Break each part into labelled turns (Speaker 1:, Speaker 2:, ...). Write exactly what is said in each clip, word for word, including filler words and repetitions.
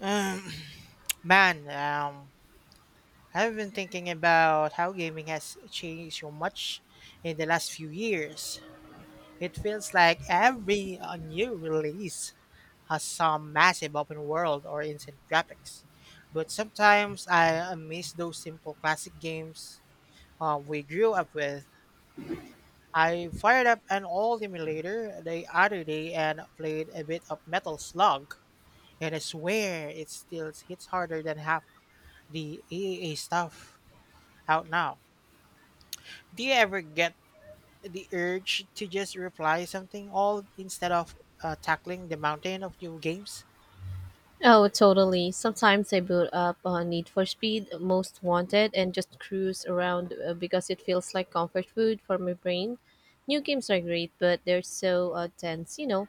Speaker 1: Um, man, um, I've been thinking about how gaming has changed so much in the last few years. It feels like every uh, new release has some massive open world or instant graphics. But sometimes I uh, miss those simple classic games uh, we grew up with. I fired up an old emulator the other day and played a bit of Metal Slug, and I swear it still hits harder than half the triple A stuff out now. Do you ever get the urge to just reply something all instead of uh, tackling the mountain of new games?
Speaker 2: Oh, totally. Sometimes I boot up on Need for Speed, Most Wanted, and just cruise around uh, because it feels like comfort food for my brain. New games are great, but they're so uh, dense, you know,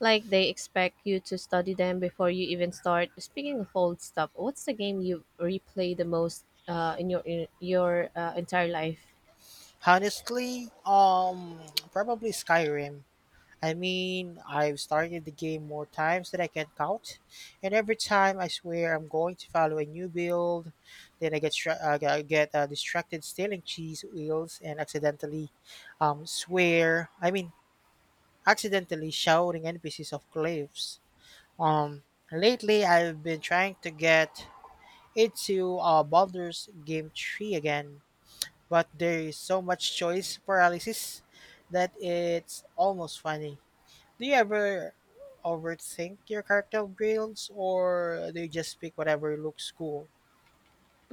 Speaker 2: like they expect you to study them before you even start. Speaking of old stuff, what's the game you replay the most uh, in your in your uh, entire life?
Speaker 1: Honestly, um, probably Skyrim. I mean, I've started the game more times than I can count, and every time I swear I'm going to follow a new build, then I get stra- uh, I get uh, distracted stealing cheese wheels and accidentally um, swear. I mean, accidentally shouting N P Cs of cliffs. Um, Lately I've been trying to get into uh, Baldur's Game three again, but there is so much choice paralysis that it's almost funny. Do you ever overthink your character builds or do you just pick whatever looks cool?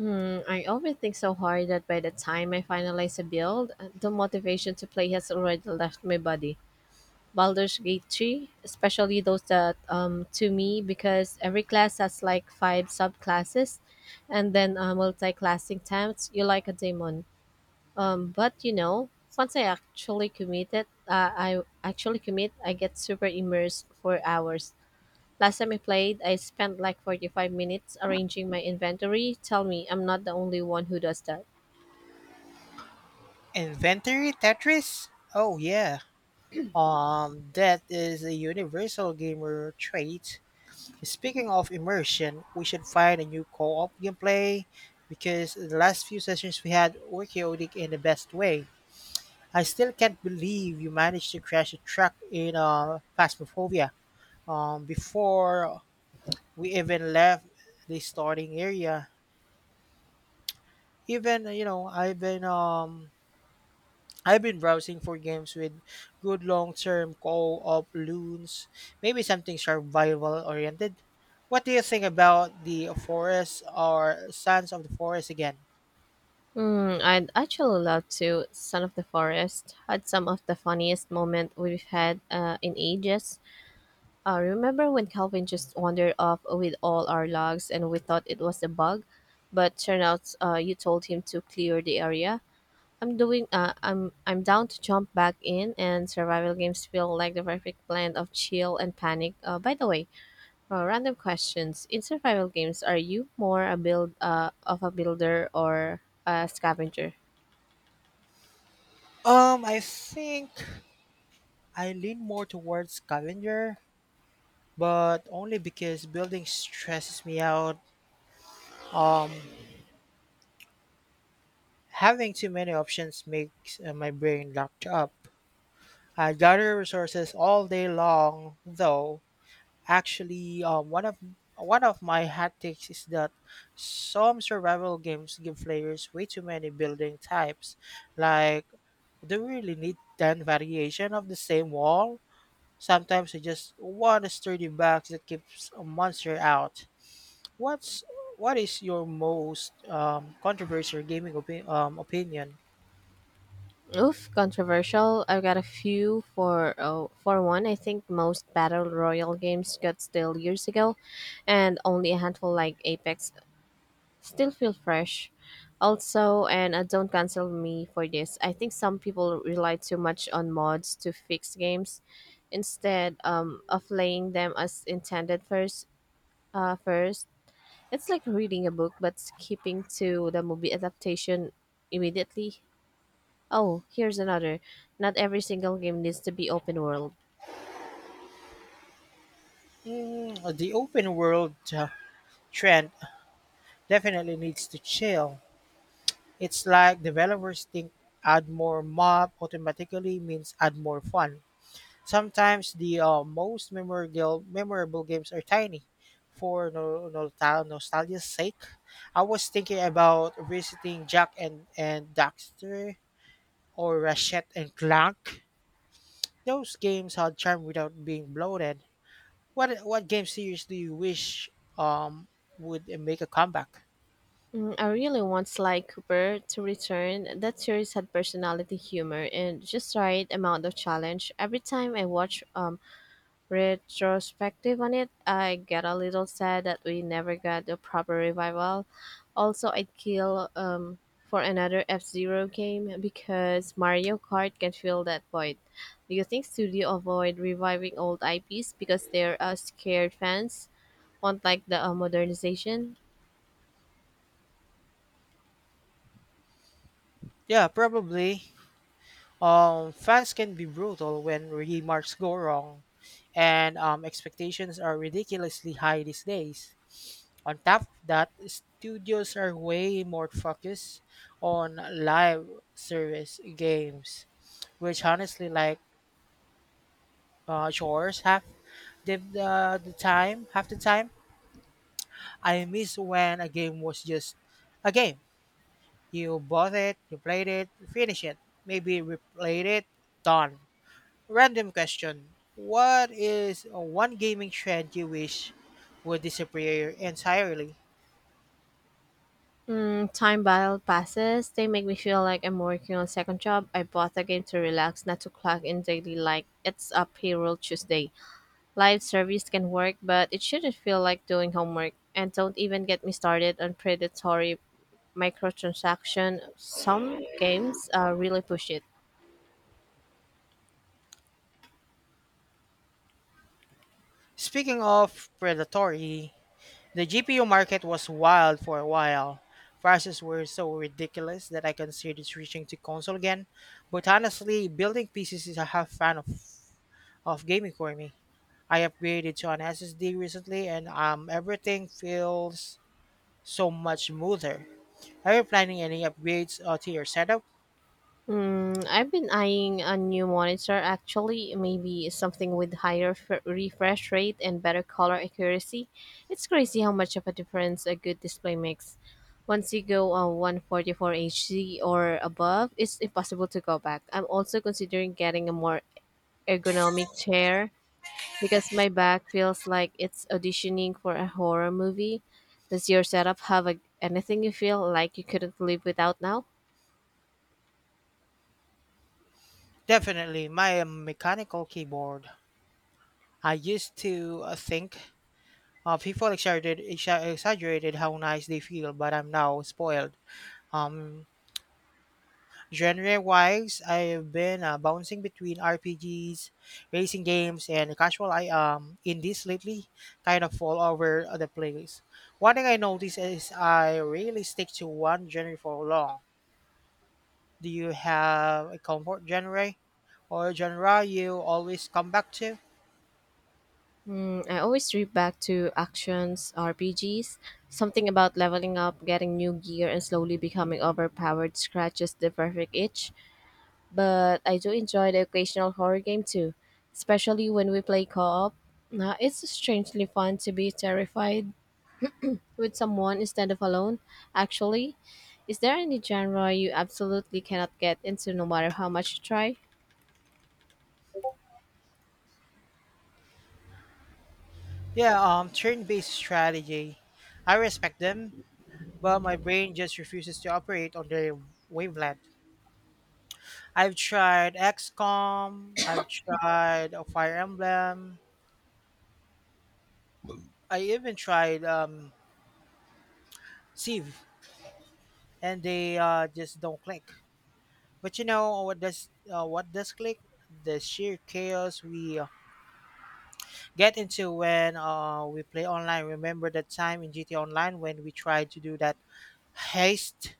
Speaker 2: Mm, I overthink so hard that by the time I finalize a build, uh, the motivation to play has already left my body. Baldur's Gate three, especially those that um, to me because every class has like five subclasses and then uh, multi-classing times you like a demon. Um, but you know, once I actually committed, uh, I actually commit, I get super immersed for hours. Last time I played, I spent like forty-five minutes arranging my inventory. Tell me, I'm not the only one who does that.
Speaker 1: Inventory Tetris? Oh, yeah. Um that is a universal gamer trait. Speaking of immersion, we should find a new co-op gameplay because the last few sessions we had were chaotic in the best way. I still can't believe you managed to crash a truck in uh, Phasmophobia um, before we even left the starting area. Even you know, I've been um, I've been browsing for games with good long-term co-op loons, maybe something survival-oriented. What do you think about the Forest or Sons of the Forest again?
Speaker 2: Hmm, I'd actually love to. Son of the Forest had some of the funniest moment we've had uh, in ages. Uh, remember when Calvin just wandered off with all our logs and we thought it was a bug, but turned out uh, you told him to clear the area. I'm doing. Uh, I'm I'm down to jump back in, and survival games feel like the perfect blend of chill and panic. Uh, by the way, uh, random questions in survival games: Are you more a build uh, of a builder or a scavenger?
Speaker 1: Um, I think I lean more towards scavenger, but only because building stresses me out. Um, Having too many options makes uh, my brain locked up. I gather resources all day long, though. Actually, um, one of one of my hot takes is that some survival games give players way too many building types. Like, do we really need ten variation of the same wall? Sometimes you just one sturdy box that keeps a monster out. What's what is your most um, controversial gaming opi- um, opinion?
Speaker 2: Oof, controversial. I've got a few for oh, for one. I think most battle royal games got stale years ago, and only a handful like Apex still feel fresh. Also, and uh, don't cancel me for this. I think some people rely too much on mods to fix games instead um, of playing them as intended first. Uh, first, it's like reading a book but skipping to the movie adaptation immediately. Oh, here's another. Not every single game needs to be open world.
Speaker 1: Mm, the open world uh, trend definitely needs to chill. It's like developers think add more mob automatically means add more fun. Sometimes the uh, most memorable memorable games are tiny for no, nostal- nostalgia's sake. I was thinking about visiting Jack and, and Daxter or Ratchet and Clank. Those games had charm without being bloated. What what game series do you wish um would make a comeback?
Speaker 2: Mm, I really want Sly Cooper to return. That series had personality, humor, and just right amount of challenge. Every time I watch um retrospective on it, I get a little sad that we never got a proper revival. Also, I'd kill um for another F Zero game because Mario Kart can fill that void. Do you think studio avoid reviving old I Ps because they're uh, scared fans? Want like the uh, modernization.
Speaker 1: Yeah, probably. Um, fans can be brutal when remarks go wrong, and um, expectations are ridiculously high these days. On top of that, studios are way more focused on live service games, which honestly, like uh, chores, half the, the the time, half the time, I miss when a game was just a game. You bought it, you played it, finish it, maybe replayed it, done. Random question. What is one gaming trend you wish would disappear entirely?
Speaker 2: Mm, time battle passes. They make me feel like I'm working on second job. I bought the game to relax, not to clock in daily. Like it's a payroll Tuesday. Live service can work, but it shouldn't feel like doing homework. And don't even get me started on predatory microtransaction. Some games uh, really push it.
Speaker 1: Speaking of predatory, the G P U market was wild for a while. Prices were so ridiculous that I considered switching to console again. But honestly, building P Cs is a half fan of, of gaming for me. I upgraded to an S S D recently and um, everything feels so much smoother. Are you planning any upgrades uh, to your setup?
Speaker 2: Mm, I've been eyeing a new monitor actually, maybe something with higher f- refresh rate and better color accuracy. It's crazy how much of a difference a good display makes. Once you go uh, one forty-four H D or above, it's impossible to go back. I'm also considering getting a more ergonomic chair because my back feels like it's auditioning for a horror movie. Does your setup have a- anything you feel like you couldn't live without now?
Speaker 1: Definitely, my um, mechanical keyboard. I used to uh, think uh, people exaggerated, exa- exaggerated how nice they feel, but I'm now spoiled. Um, Genre-wise, I've been uh, bouncing between R P Gs, racing games, and casual I um indies lately, kind of all over the place. One thing I noticed is I really stick to one genre for long. Do you have a comfort genre or genre you always come back to?
Speaker 2: I always trip back to actions R P Gs. Something about leveling up, getting new gear, and slowly becoming overpowered scratches the perfect itch. But I do enjoy the occasional horror game too, especially when we play co op. Now, it's strangely fun to be terrified with someone instead of alone. Actually, is there any genre you absolutely cannot get into no matter how much you try?
Speaker 1: Yeah, um, turn-based strategy. I respect them, but my brain just refuses to operate on their wavelength. I've tried XCOM. I've tried a Fire Emblem. I even tried um, Civ, and they uh, just don't click. But you know what does uh, what does click? The sheer chaos we uh, get into when uh, we play online. Remember that time in G T A Online when we tried to do that heist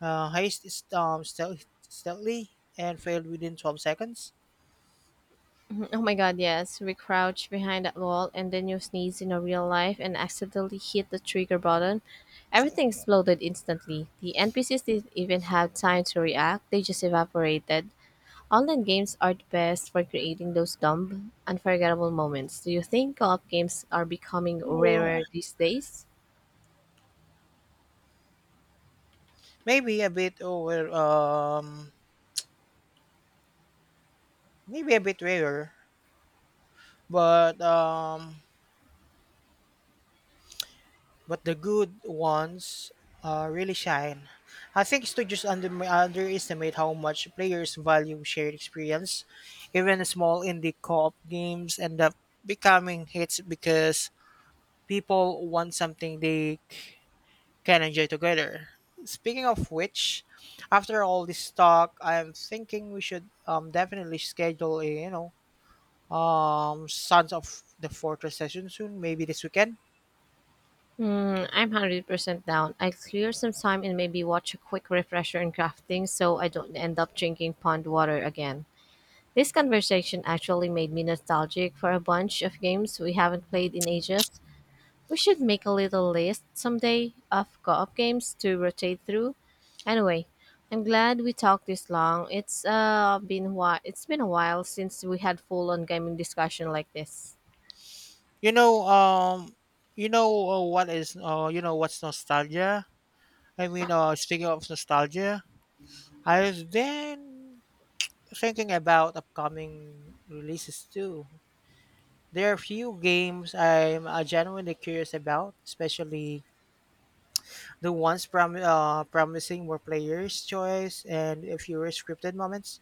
Speaker 1: uh, heist is um, stealth, stealthily and failed within twelve seconds.
Speaker 2: Oh my god, yes. We crouch behind that wall and then you sneeze in a real life and accidentally hit the trigger button. Everything exploded instantly. The N P Cs didn't even have time to react, they just evaporated. Online games are the best for creating those dumb, unforgettable moments. Do you think co op games are becoming
Speaker 1: Whoa.
Speaker 2: rarer these days?
Speaker 1: Maybe a bit over, um, Maybe a bit rare, but um, but the good ones uh, really shine. I think studios under, underestimate how much players value shared experience. Even small indie co-op games end up becoming hits because people want something they can enjoy together. Speaking of which, after all this talk, I'm thinking we should um definitely schedule a you know um Sons of the Fortress session soon, maybe this weekend.
Speaker 2: Hmm, I'm one hundred percent down. I clear some time and maybe watch a quick refresher in crafting so I don't end up drinking pond water again. This conversation actually made me nostalgic for a bunch of games we haven't played in ages. We should make a little list someday of co op games to rotate through. Anyway, I'm glad we talked this long. It's uh been whi- it's been a while since we had full on gaming discussion like this.
Speaker 1: You know um you know uh, what is uh you know What's nostalgia? I mean uh speaking of nostalgia, I was then thinking about upcoming releases too. There are a few games I'm uh, genuinely curious about, especially the ones prom- uh, promising more players' choice and fewer scripted moments.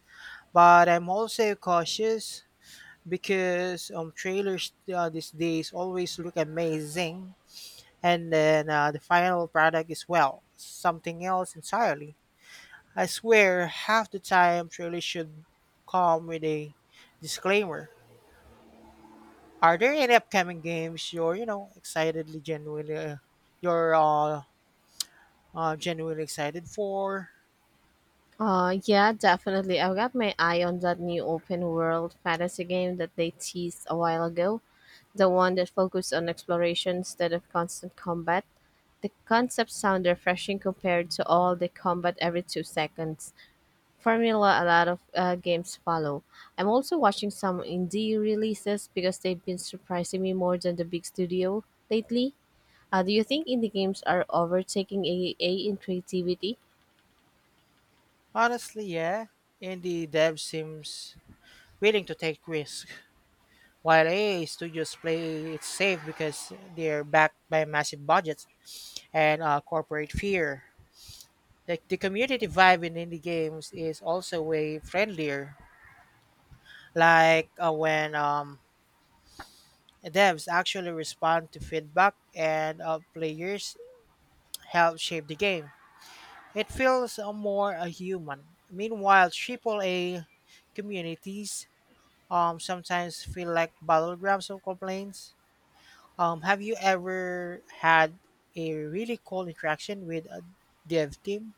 Speaker 1: But I'm also cautious because um, trailers uh, these days always look amazing, and then uh, the final product is well something else entirely. I swear, half the time trailers should come with a disclaimer. Are there any upcoming games you're you know excitedly genuinely uh, you're uh, uh, genuinely excited for?
Speaker 2: Uh, yeah, definitely. I've got my eye on that new open world fantasy game that they teased a while ago. The one that focused on exploration instead of constant combat. The concept sound refreshing compared to all the combat every two seconds formula a lot of uh, games follow. I'm also watching some indie releases because they've been surprising me more than the big studio lately. Uh, do you think indie games are overtaking triple A in creativity?
Speaker 1: Honestly, yeah. Indie dev seems willing to take risks, while A A studios play it safe because they're backed by massive budgets and uh, corporate fear. Like the community vibe in indie games is also way friendlier. Like uh, when um, devs actually respond to feedback and uh, players help shape the game, it feels uh, more uh, human. Meanwhile, triple A communities um, sometimes feel like battlegrounds of complaints. Um, have you ever had a really cool interaction with a dev team?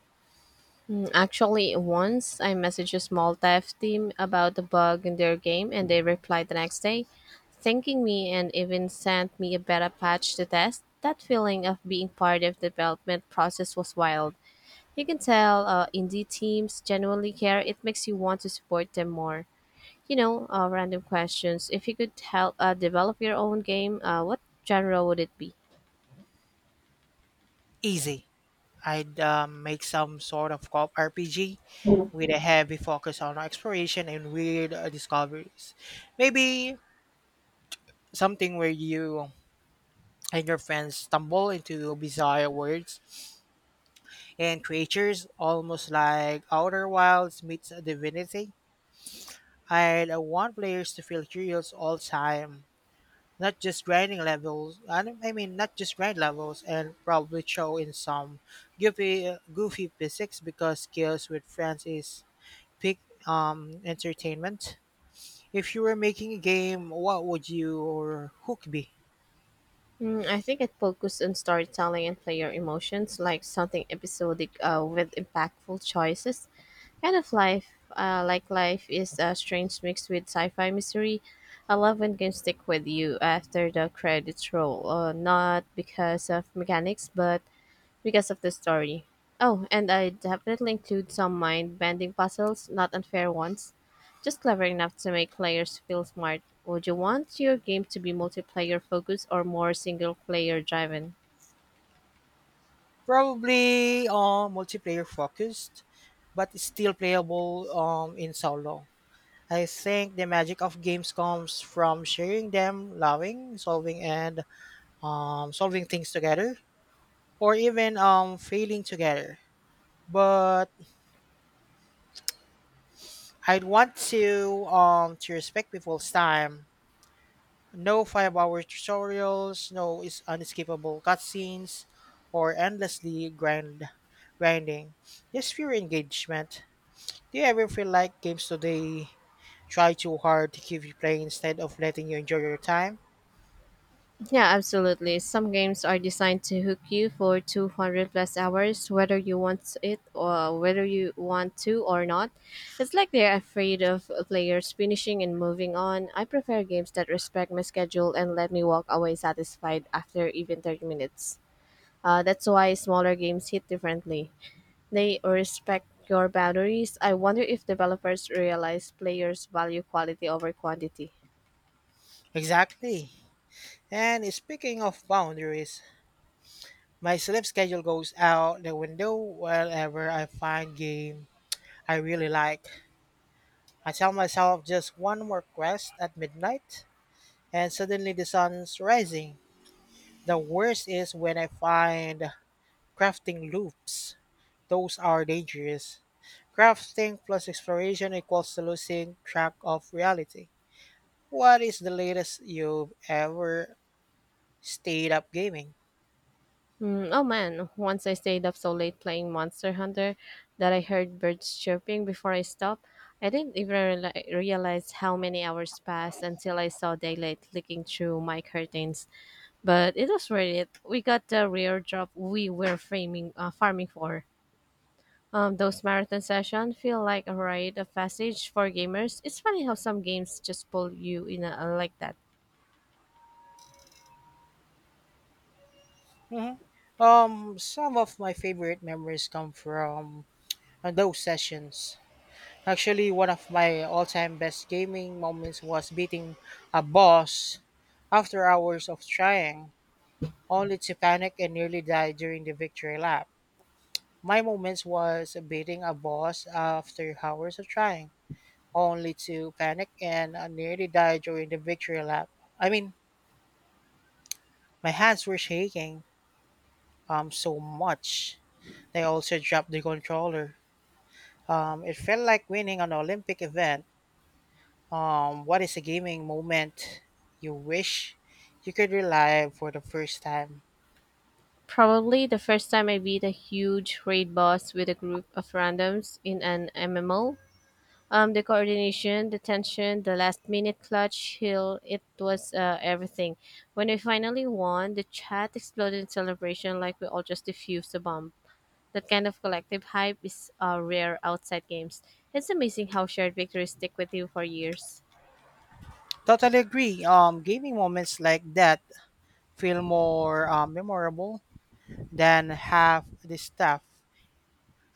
Speaker 2: Mm, Actually, once I messaged a small dev team about the bug in their game, and they replied the next day, thanking me and even sent me a beta patch to test. That feeling of being part of the development process was wild. You can tell uh, indie teams genuinely care. It makes you want to support them more. You know, uh, random questions. If you could help uh, develop your own game, uh, what genre would it be?
Speaker 1: Easy. I'd um, make some sort of co-op R P G with a heavy focus on exploration and weird uh, discoveries. Maybe something where you and your friends stumble into bizarre worlds and creatures, almost like Outer Wilds meets Divinity. I'd uh, want players to feel curious all time not just grinding levels. I, don't- I mean, not just grind levels, and probably throw in some goofy, goofy physics because skills with friends is peak um entertainment. If you were making a game, what would you or hook be?
Speaker 2: Mm, I think it focused on storytelling and player emotions, like something episodic uh, with impactful choices. Kind of life, uh, like life is a strange mix with sci-fi mystery. I love when games stick with you after the credits roll, uh, not because of mechanics, but because of the story. Oh, and I definitely include some mind bending puzzles, not unfair ones, just clever enough to make players feel smart. Would you want your game to be multiplayer focused or more single player driven?
Speaker 1: Probably uh, multiplayer focused, but still playable um in solo. I think the magic of games comes from sharing them, loving, solving, and um, solving things together, or even um failing together. But I'd want to um to respect people's time. No five-hour tutorials, no is unskippable cutscenes, or endlessly grind grinding. Just pure engagement. Do you ever feel like games today try too hard to keep you playing instead of letting you enjoy your time?
Speaker 2: Yeah, absolutely. Some games are designed to hook you for two hundred plus hours, whether you want it or whether you want to or not. It's like they're afraid of players finishing and moving on. I prefer games that respect my schedule and let me walk away satisfied after even thirty minutes. Uh, that's why smaller games hit differently. They respect your boundaries. I wonder if developers realize players value quality over quantity.
Speaker 1: Exactly. And speaking of boundaries, my sleep schedule goes out the window whenever I find game I really like. I tell myself just one more quest at midnight, and suddenly the sun's rising. The worst is when I find crafting loops. Those are dangerous. Crafting plus exploration equals to losing track of reality. What is the latest you've ever stayed up gaming?
Speaker 2: Mm, oh man, once I stayed up so late playing Monster Hunter that I heard birds chirping before I stopped. I didn't even reali- realize how many hours passed until I saw daylight leaking through my curtains. But it was worth it. We got the rare drop we were framing, uh, farming for. Um, those marathon sessions feel like a rite of passage for gamers. It's funny how some games just pull you in a, like that.
Speaker 1: Mhm. Um, some of my favorite memories come from uh, those sessions. Actually, one of my all-time best gaming moments was beating a boss after hours of trying, only to panic and nearly die during the victory lap. My moments was beating a boss after hours of trying, only to panic and uh, nearly die during the victory lap. I mean, my hands were shaking um so much. They also dropped the controller. Um, it felt like winning an Olympic event. Um, what is a gaming moment you wish you could relive for the first time?
Speaker 2: Probably the first time I beat a huge raid boss with a group of randoms in an M M O. Um, the coordination, the tension, the last minute clutch heal, it was uh, everything. When we finally won, the chat exploded in celebration like we all just defused a bomb. That kind of collective hype is uh, rare outside games. It's amazing how shared victories stick with you for years.
Speaker 1: Totally agree. Um, gaming moments like that feel more um, memorable than half the stuff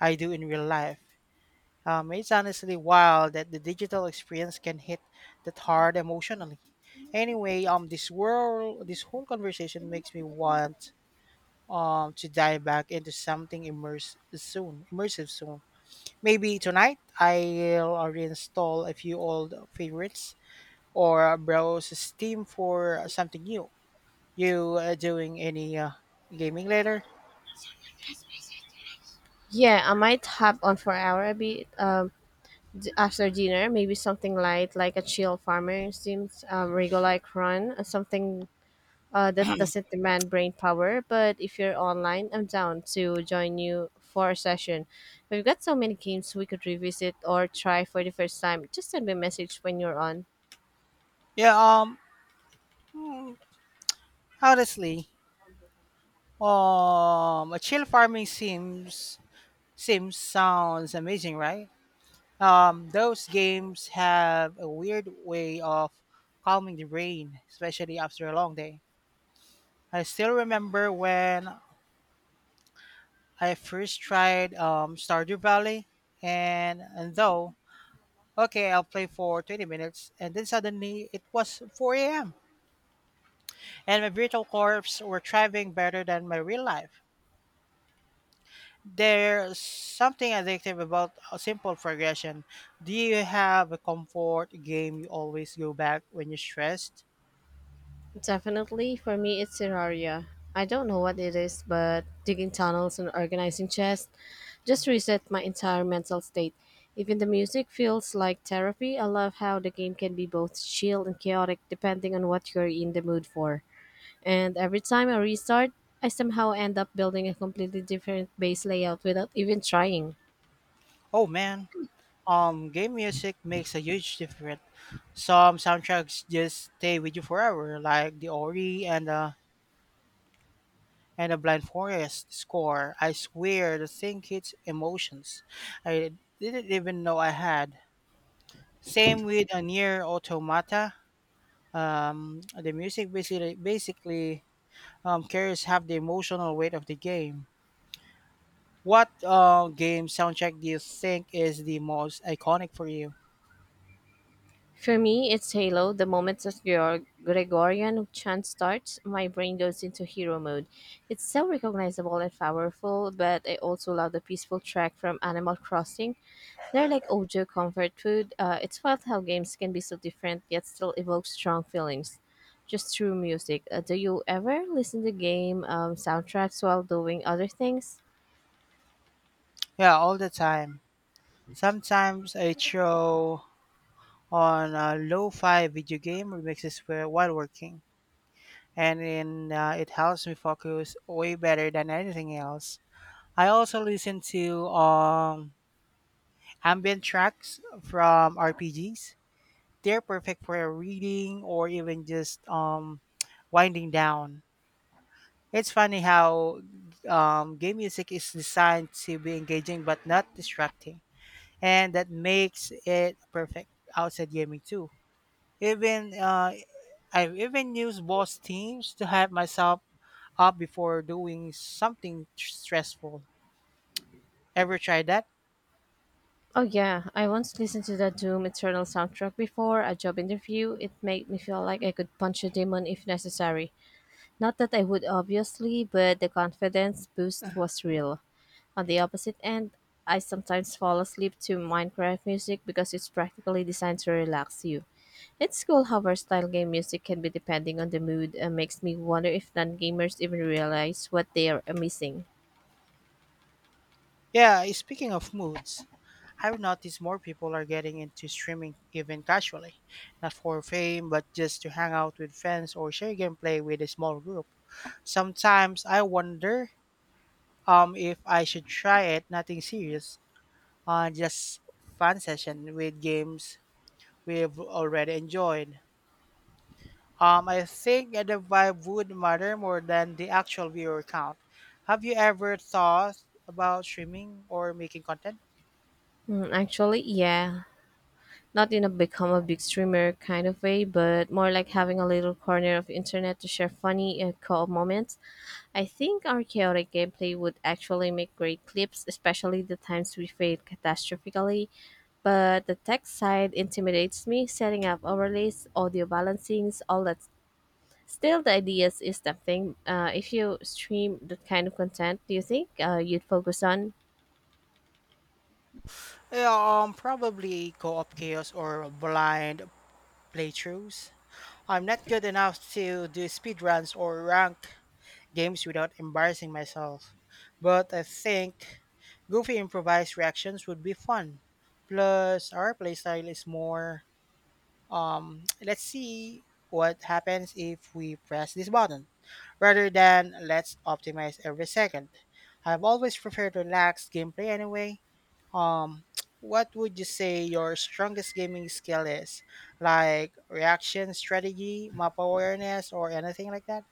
Speaker 1: I do in real life. Um, it's honestly wild that the digital experience can hit that hard emotionally. Anyway, um, this world, this whole conversation makes me want um to dive back into something immersive soon, immersive soon. Maybe tonight I'll reinstall a few old favorites or browse Steam for something new. You uh, doing any uh, gaming later?
Speaker 2: Yeah, I might hop on for hour a bit. Um, After dinner, maybe something light like a chill farmer seems um, like run, uh, something uh, that doesn't demand brain power. But if you're online, I'm down to join you for a session. We've got so many games we could revisit or try for the first time. Just send me a message when you're on.
Speaker 1: Yeah, um mm, honestly, um a chill farming seems seems sounds amazing, right? Um those games have a weird way of calming the brain, especially after a long day. I still remember when I first tried um, Stardew Valley, and, and though, okay, I'll play for twenty minutes, and then suddenly it was four a m, and my virtual corps were thriving better than my real life. There's something addictive about a simple progression. Do you have a comfort game you always go back when you're stressed?
Speaker 2: Definitely, for me, it's Terraria. I don't know what it is, but digging tunnels and organizing chests just reset my entire mental state. Even the music feels like therapy. I love how the game can be both chill and chaotic depending on what you're in the mood for. And every time I restart, I somehow end up building a completely different base layout without even trying.
Speaker 1: Oh man, um, game music makes a huge difference. Some soundtracks just stay with you forever, like the Ori and the and the Blind Forest score. I swear the thing hits emotions I didn't even know I had. Same with a near automata. Um, the music basically basically um, carries half the emotional weight of the game. What uh, game soundtrack do you think is the most iconic for you?
Speaker 2: For me, it's Halo. The moment that Gregor- Gregorian chant starts, my brain goes into hero mode. It's so recognizable and powerful, but I also love the peaceful track from Animal Crossing. They're like Ojo comfort food. Uh, it's wild how games can be so different yet still evoke strong feelings just through music. Uh, do you ever listen to game um, soundtracks while doing other things?
Speaker 1: Yeah, all the time. Sometimes I throw on a lo-fi video game remixes where- while working. And in, uh, it helps me focus way better than anything else. I also listen to um, ambient tracks from R P Gs. They're perfect for reading or even just um, winding down. It's funny how um, game music is designed to be engaging but not distracting, and that makes it perfect outside gaming too. Even uh, I've even used boss teams to hype myself up before doing something stressful. Ever tried that?
Speaker 2: Oh yeah, I once listened to the Doom Eternal soundtrack before a job interview. It made me feel like I could punch a demon if necessary. Not that I would obviously, but the confidence boost was real. On the opposite end, I sometimes fall asleep to Minecraft music because it's practically designed to relax you. It's cool how versatile game music can be depending on the mood and makes me wonder if non gamers even realize what they are missing.
Speaker 1: Yeah, eh, speaking of moods, I've noticed more people are getting into streaming even casually, not for fame, but just to hang out with friends or share gameplay with a small group. Sometimes I wonder um if I should try it, nothing serious, uh just fun session with games we've already enjoyed. Um, I think the vibe would matter more than the actual viewer count. Have you ever thought about streaming or making content?
Speaker 2: Mm, actually, yeah, not in a become a big streamer kind of way, but more like having a little corner of internet to share funny and cool moments. I think our chaotic gameplay would actually make great clips, especially the times we failed catastrophically. But the tech side intimidates me, setting up overlays, audio balancings, all that. Still, the ideas is tempting. Uh, if you stream that kind of content, do you think uh, you'd focus on?
Speaker 1: Yeah, um, probably co-op chaos or blind playthroughs. I'm not good enough to do speedruns or rank games without embarrassing myself. But I think goofy improvised reactions would be fun. Plus, our playstyle is more, um, let's see what happens if we press this button, rather than let's optimize every second. I've always preferred relaxed gameplay anyway. Um, what would you say your strongest gaming skill is? Like reaction strategy, map awareness, or anything like that?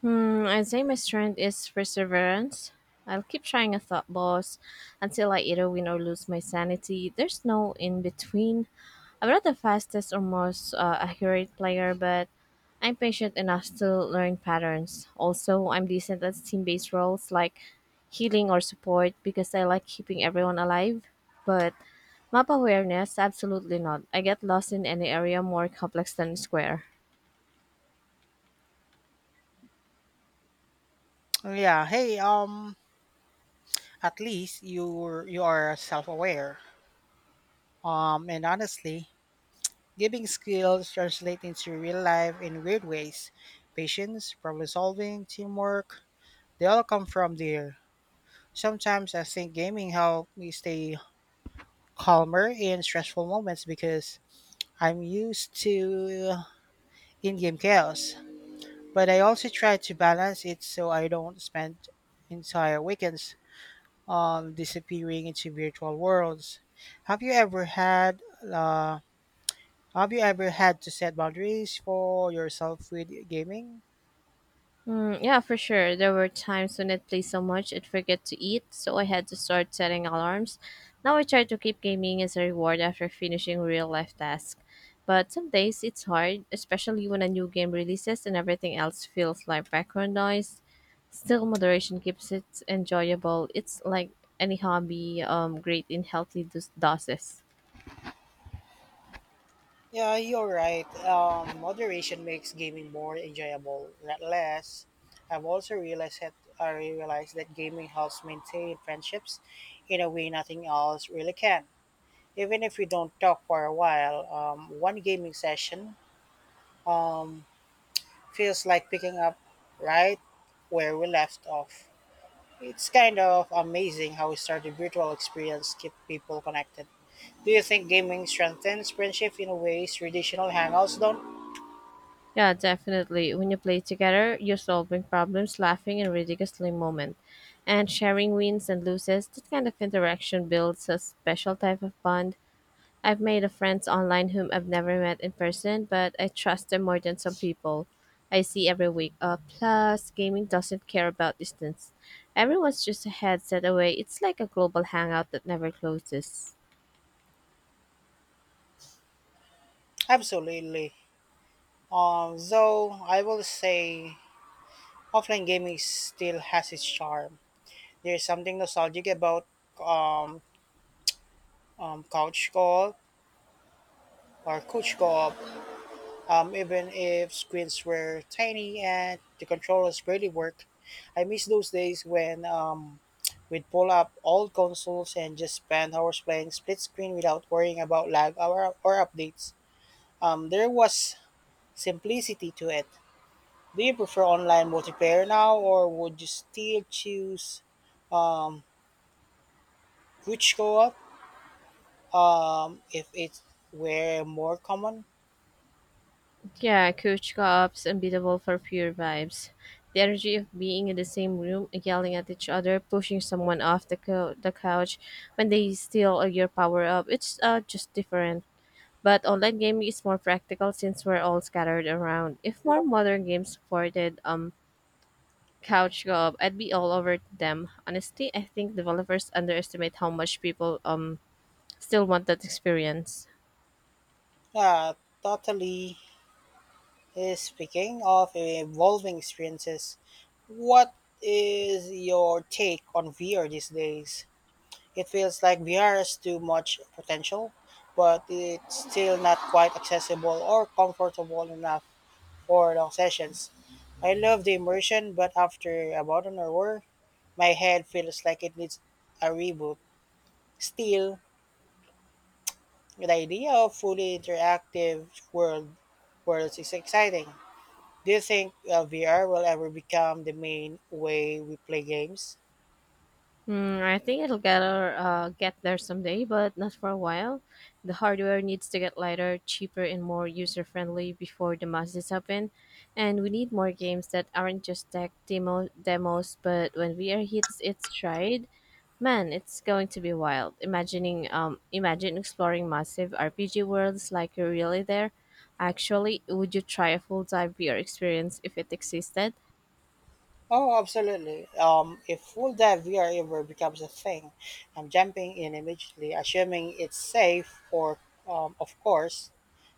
Speaker 2: Hmm, I'd say my strength is perseverance. I'll keep trying a thought boss until I either win or lose my sanity. There's no in between. I'm not the fastest or most uh, accurate player, but I'm patient enough to learn patterns. Also, I'm decent at team based roles like healing or support because I like keeping everyone alive. But map awareness, absolutely not. I get lost in any area more complex than square.
Speaker 1: Yeah. Hey. Um. At least you you are self-aware. Um. And honestly, gaming skills translate into real life in weird ways. Patience, problem solving, teamwork. They all come from there. Sometimes I think gaming helped me stay calmer in stressful moments because I'm used to in-game chaos. But I also try to balance it so I don't spend entire weekends um, disappearing into virtual worlds. Have you ever had uh, Have you ever had to set boundaries for yourself with gaming?
Speaker 2: Mm, yeah, for sure. There were times when it plays so much it forget to eat, so I had to start setting alarms. Now I try to keep gaming as a reward after finishing real life tasks. But some days it's hard, especially when a new game releases and everything else feels like background noise. Still, moderation keeps it enjoyable. It's like any hobby, um, great in healthy dos- doses.
Speaker 1: Yeah, you're right. Um, moderation makes gaming more enjoyable, not less. I've also realized that I realized that gaming helps maintain friendships in a way nothing else really can. Even if we don't talk for a while, um, one gaming session um, feels like picking up right where we left off. It's kind of amazing how we start a virtual experience keep people connected. Do you think gaming strengthens friendship in ways traditional hangouts don't?
Speaker 2: Yeah, definitely. When you play together, you're solving problems, laughing in ridiculously moment, and sharing wins and loses. That kind of interaction builds a special type of bond. I've made a friends online whom I've never met in person, but I trust them more than some people I see every week. Uh, plus, gaming doesn't care about distance. Everyone's just a headset away. It's like a global hangout that never closes.
Speaker 1: Absolutely. Um, though I will say offline gaming still has its charm. There's something nostalgic about um, um, couch co-op or couch co-op, um, even if screens were tiny and the controllers barely worked. I miss those days when um, we'd pull up old consoles and just spend hours playing split screen without worrying about lag or, or updates. Um, there was simplicity to it. Do you prefer online multiplayer now, or would you still choose um, couch co-op um, if it were more common?
Speaker 2: Yeah, couch co-op's unbeatable for pure vibes. The energy of being in the same room, yelling at each other, pushing someone off the, cou the couch when they steal your power up. It's uh, just different. But online gaming is more practical since we're all scattered around. If more modern games supported um couch co-op, I'd be all over them. Honestly, I think developers underestimate how much people um still want that experience.
Speaker 1: Uh, totally uh, speaking of evolving experiences, what is your take on V R these days? It feels like V R has too much potential, but it's still not quite accessible or comfortable enough for long sessions. I love the immersion, but after about an hour, my head feels like it needs a reboot. Still, the idea of fully interactive world worlds is exciting. Do you think uh, V R will ever become the main way we play games?
Speaker 2: Mm, I think it'll get her, uh, get there someday, but not for a while. The hardware needs to get lighter, cheaper, and more user friendly before the masses happen. And we need more games that aren't just tech demo- demos, but when V R hits its stride, man, it's going to be wild. Imagining, um, imagine exploring massive R P G worlds like you're really there. Actually, would you try a full dive V R experience if it existed?
Speaker 1: Oh, absolutely. Um, if full dive V R ever becomes a thing, I'm jumping in immediately, assuming it's safe, or um, of course.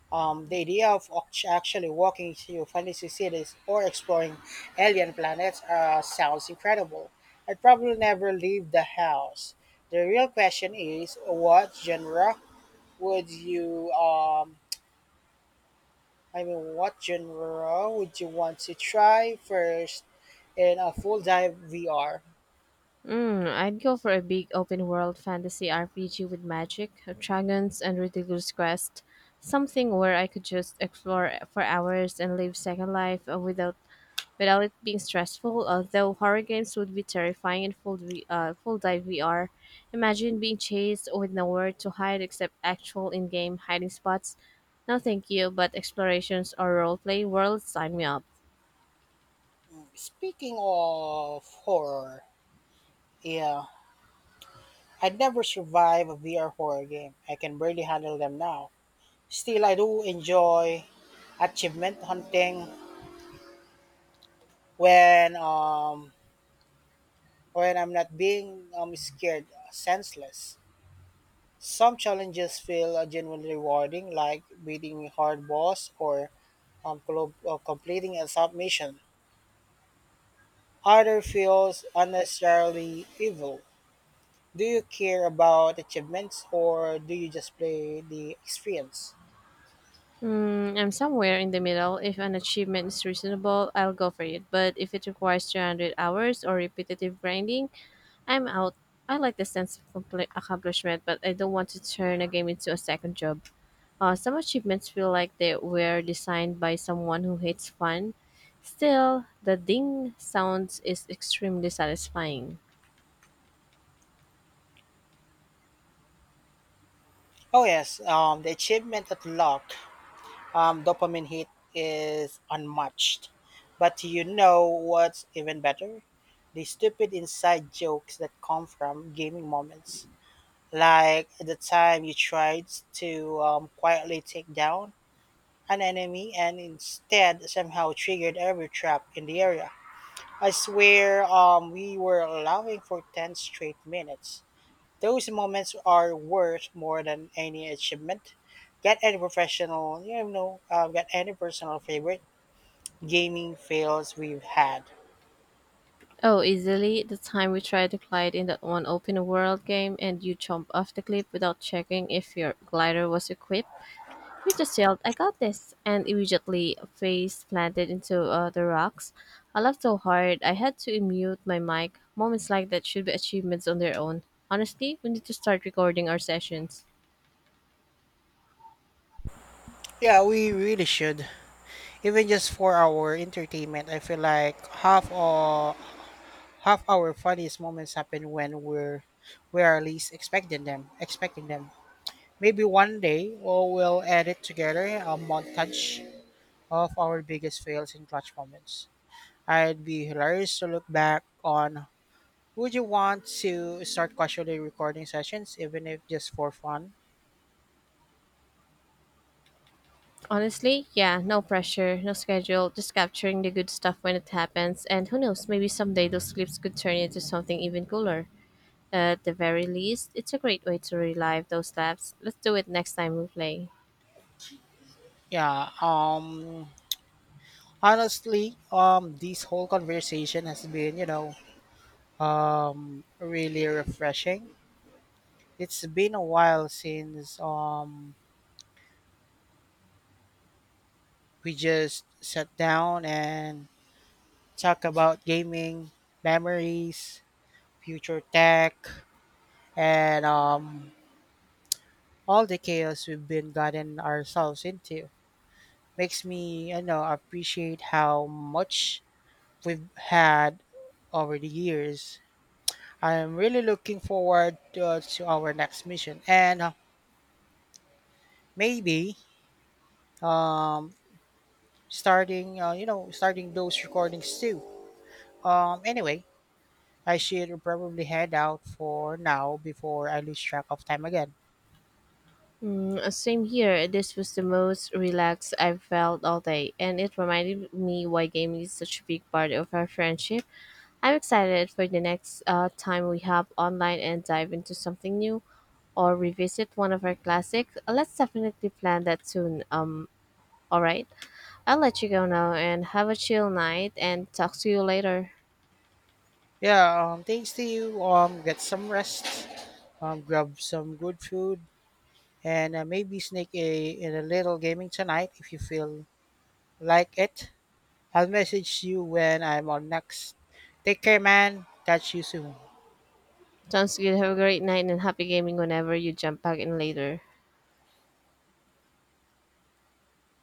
Speaker 1: Um, the idea of oct- actually walking through fantasy cities or exploring alien planets uh, sounds incredible. I'd probably never leave the house. The real question is, what genre would you um, I mean, what genre would you want to try first in a full dive V R?
Speaker 2: Mm, I'd go for a big open world fantasy R P G with magic, dragons, and ridiculous quests. Something where I could just explore for hours and live second life uh, without without it being stressful. Although horror games would be terrifying in full v, uh, full dive V R. Imagine being chased with nowhere to hide except actual in game hiding spots. No, thank you, but explorations or roleplay worlds sign me up.
Speaker 1: Speaking of horror, yeah, I'd never survive a V R horror game. I can barely handle them now. Still, I do enjoy achievement hunting when um when I'm not being um scared uh, senseless. Some challenges feel uh, genuinely rewarding, like beating a hard boss or um, clo- uh, completing a submission. Other feels unnecessarily evil. Do you care about achievements or do you just play the experience?
Speaker 2: Mm, I'm somewhere in the middle. If an achievement is reasonable, I'll go for it. But if it requires three hundred hours or repetitive grinding, I'm out. I like the sense of compli accomplishment, but I don't want to turn a game into a second job. Uh, some achievements feel like they were designed by someone who hates fun. Still, the ding sounds is extremely satisfying.
Speaker 1: Oh yes, um, the achievement at luck um, dopamine hit is unmatched. But you know what's even better? The stupid inside jokes that come from gaming moments. Like the time you tried to um, quietly take down an enemy and instead somehow triggered every trap in the area. I swear um, we were laughing for ten straight minutes. Those moments are worth more than any achievement. Get any professional, you know, uh, get any personal favorite gaming fails we've had.
Speaker 2: Oh, easily, the time we tried to glide in that one open world game and you jump off the cliff without checking if your glider was equipped. He just yelled, I got this, and immediately face planted into uh, the rocks. I laughed so hard, I had to mute my mic. Moments like that should be achievements on their own. Honestly, we need to start recording our sessions.
Speaker 1: Yeah, we really should. Even just for our entertainment, I feel like half of half our funniest moments happen when we're we are least expecting them. Expecting them. Maybe one day we'll, we'll edit together a montage of our biggest fails and clutch moments. I'd be hilarious to look back on. Would you want to start casually recording sessions, even if just for fun?
Speaker 2: Honestly, yeah, no pressure, no schedule, just capturing the good stuff when it happens, and who knows, maybe someday those clips could turn into something even cooler. At the very least, it's a great way to relive those laughs. Let's do it next time we play.
Speaker 1: Yeah. Um. Honestly, um, this whole conversation has been, you know, um, really refreshing. It's been a while since um we just sat down and talk about gaming, memories, future tech, and um all the chaos we've been gotten ourselves into. Makes me you know appreciate how much we've had over the years. I'm really looking forward uh, to our next mission and uh, maybe um, starting uh, you know starting those recordings too. Um, anyway, I should probably head out for now before I lose track of time again.
Speaker 2: Mm, Uh, Same here. This was the most relaxed I've felt all day, and it reminded me why gaming is such a big part of our friendship. I'm excited for the next uh, time we hop online and dive into something new or revisit one of our classics. Let's definitely plan that soon. Um, all right. I'll let you go now and have a chill night and talk to you later.
Speaker 1: Yeah, um, thanks to you. Um, get some rest. Um, grab some good food and uh, maybe sneak a in a little gaming tonight if you feel like it. I'll message you when I'm on next. Take care, man. Catch you soon.
Speaker 2: Sounds good. Have a great night and happy gaming whenever you jump back in later.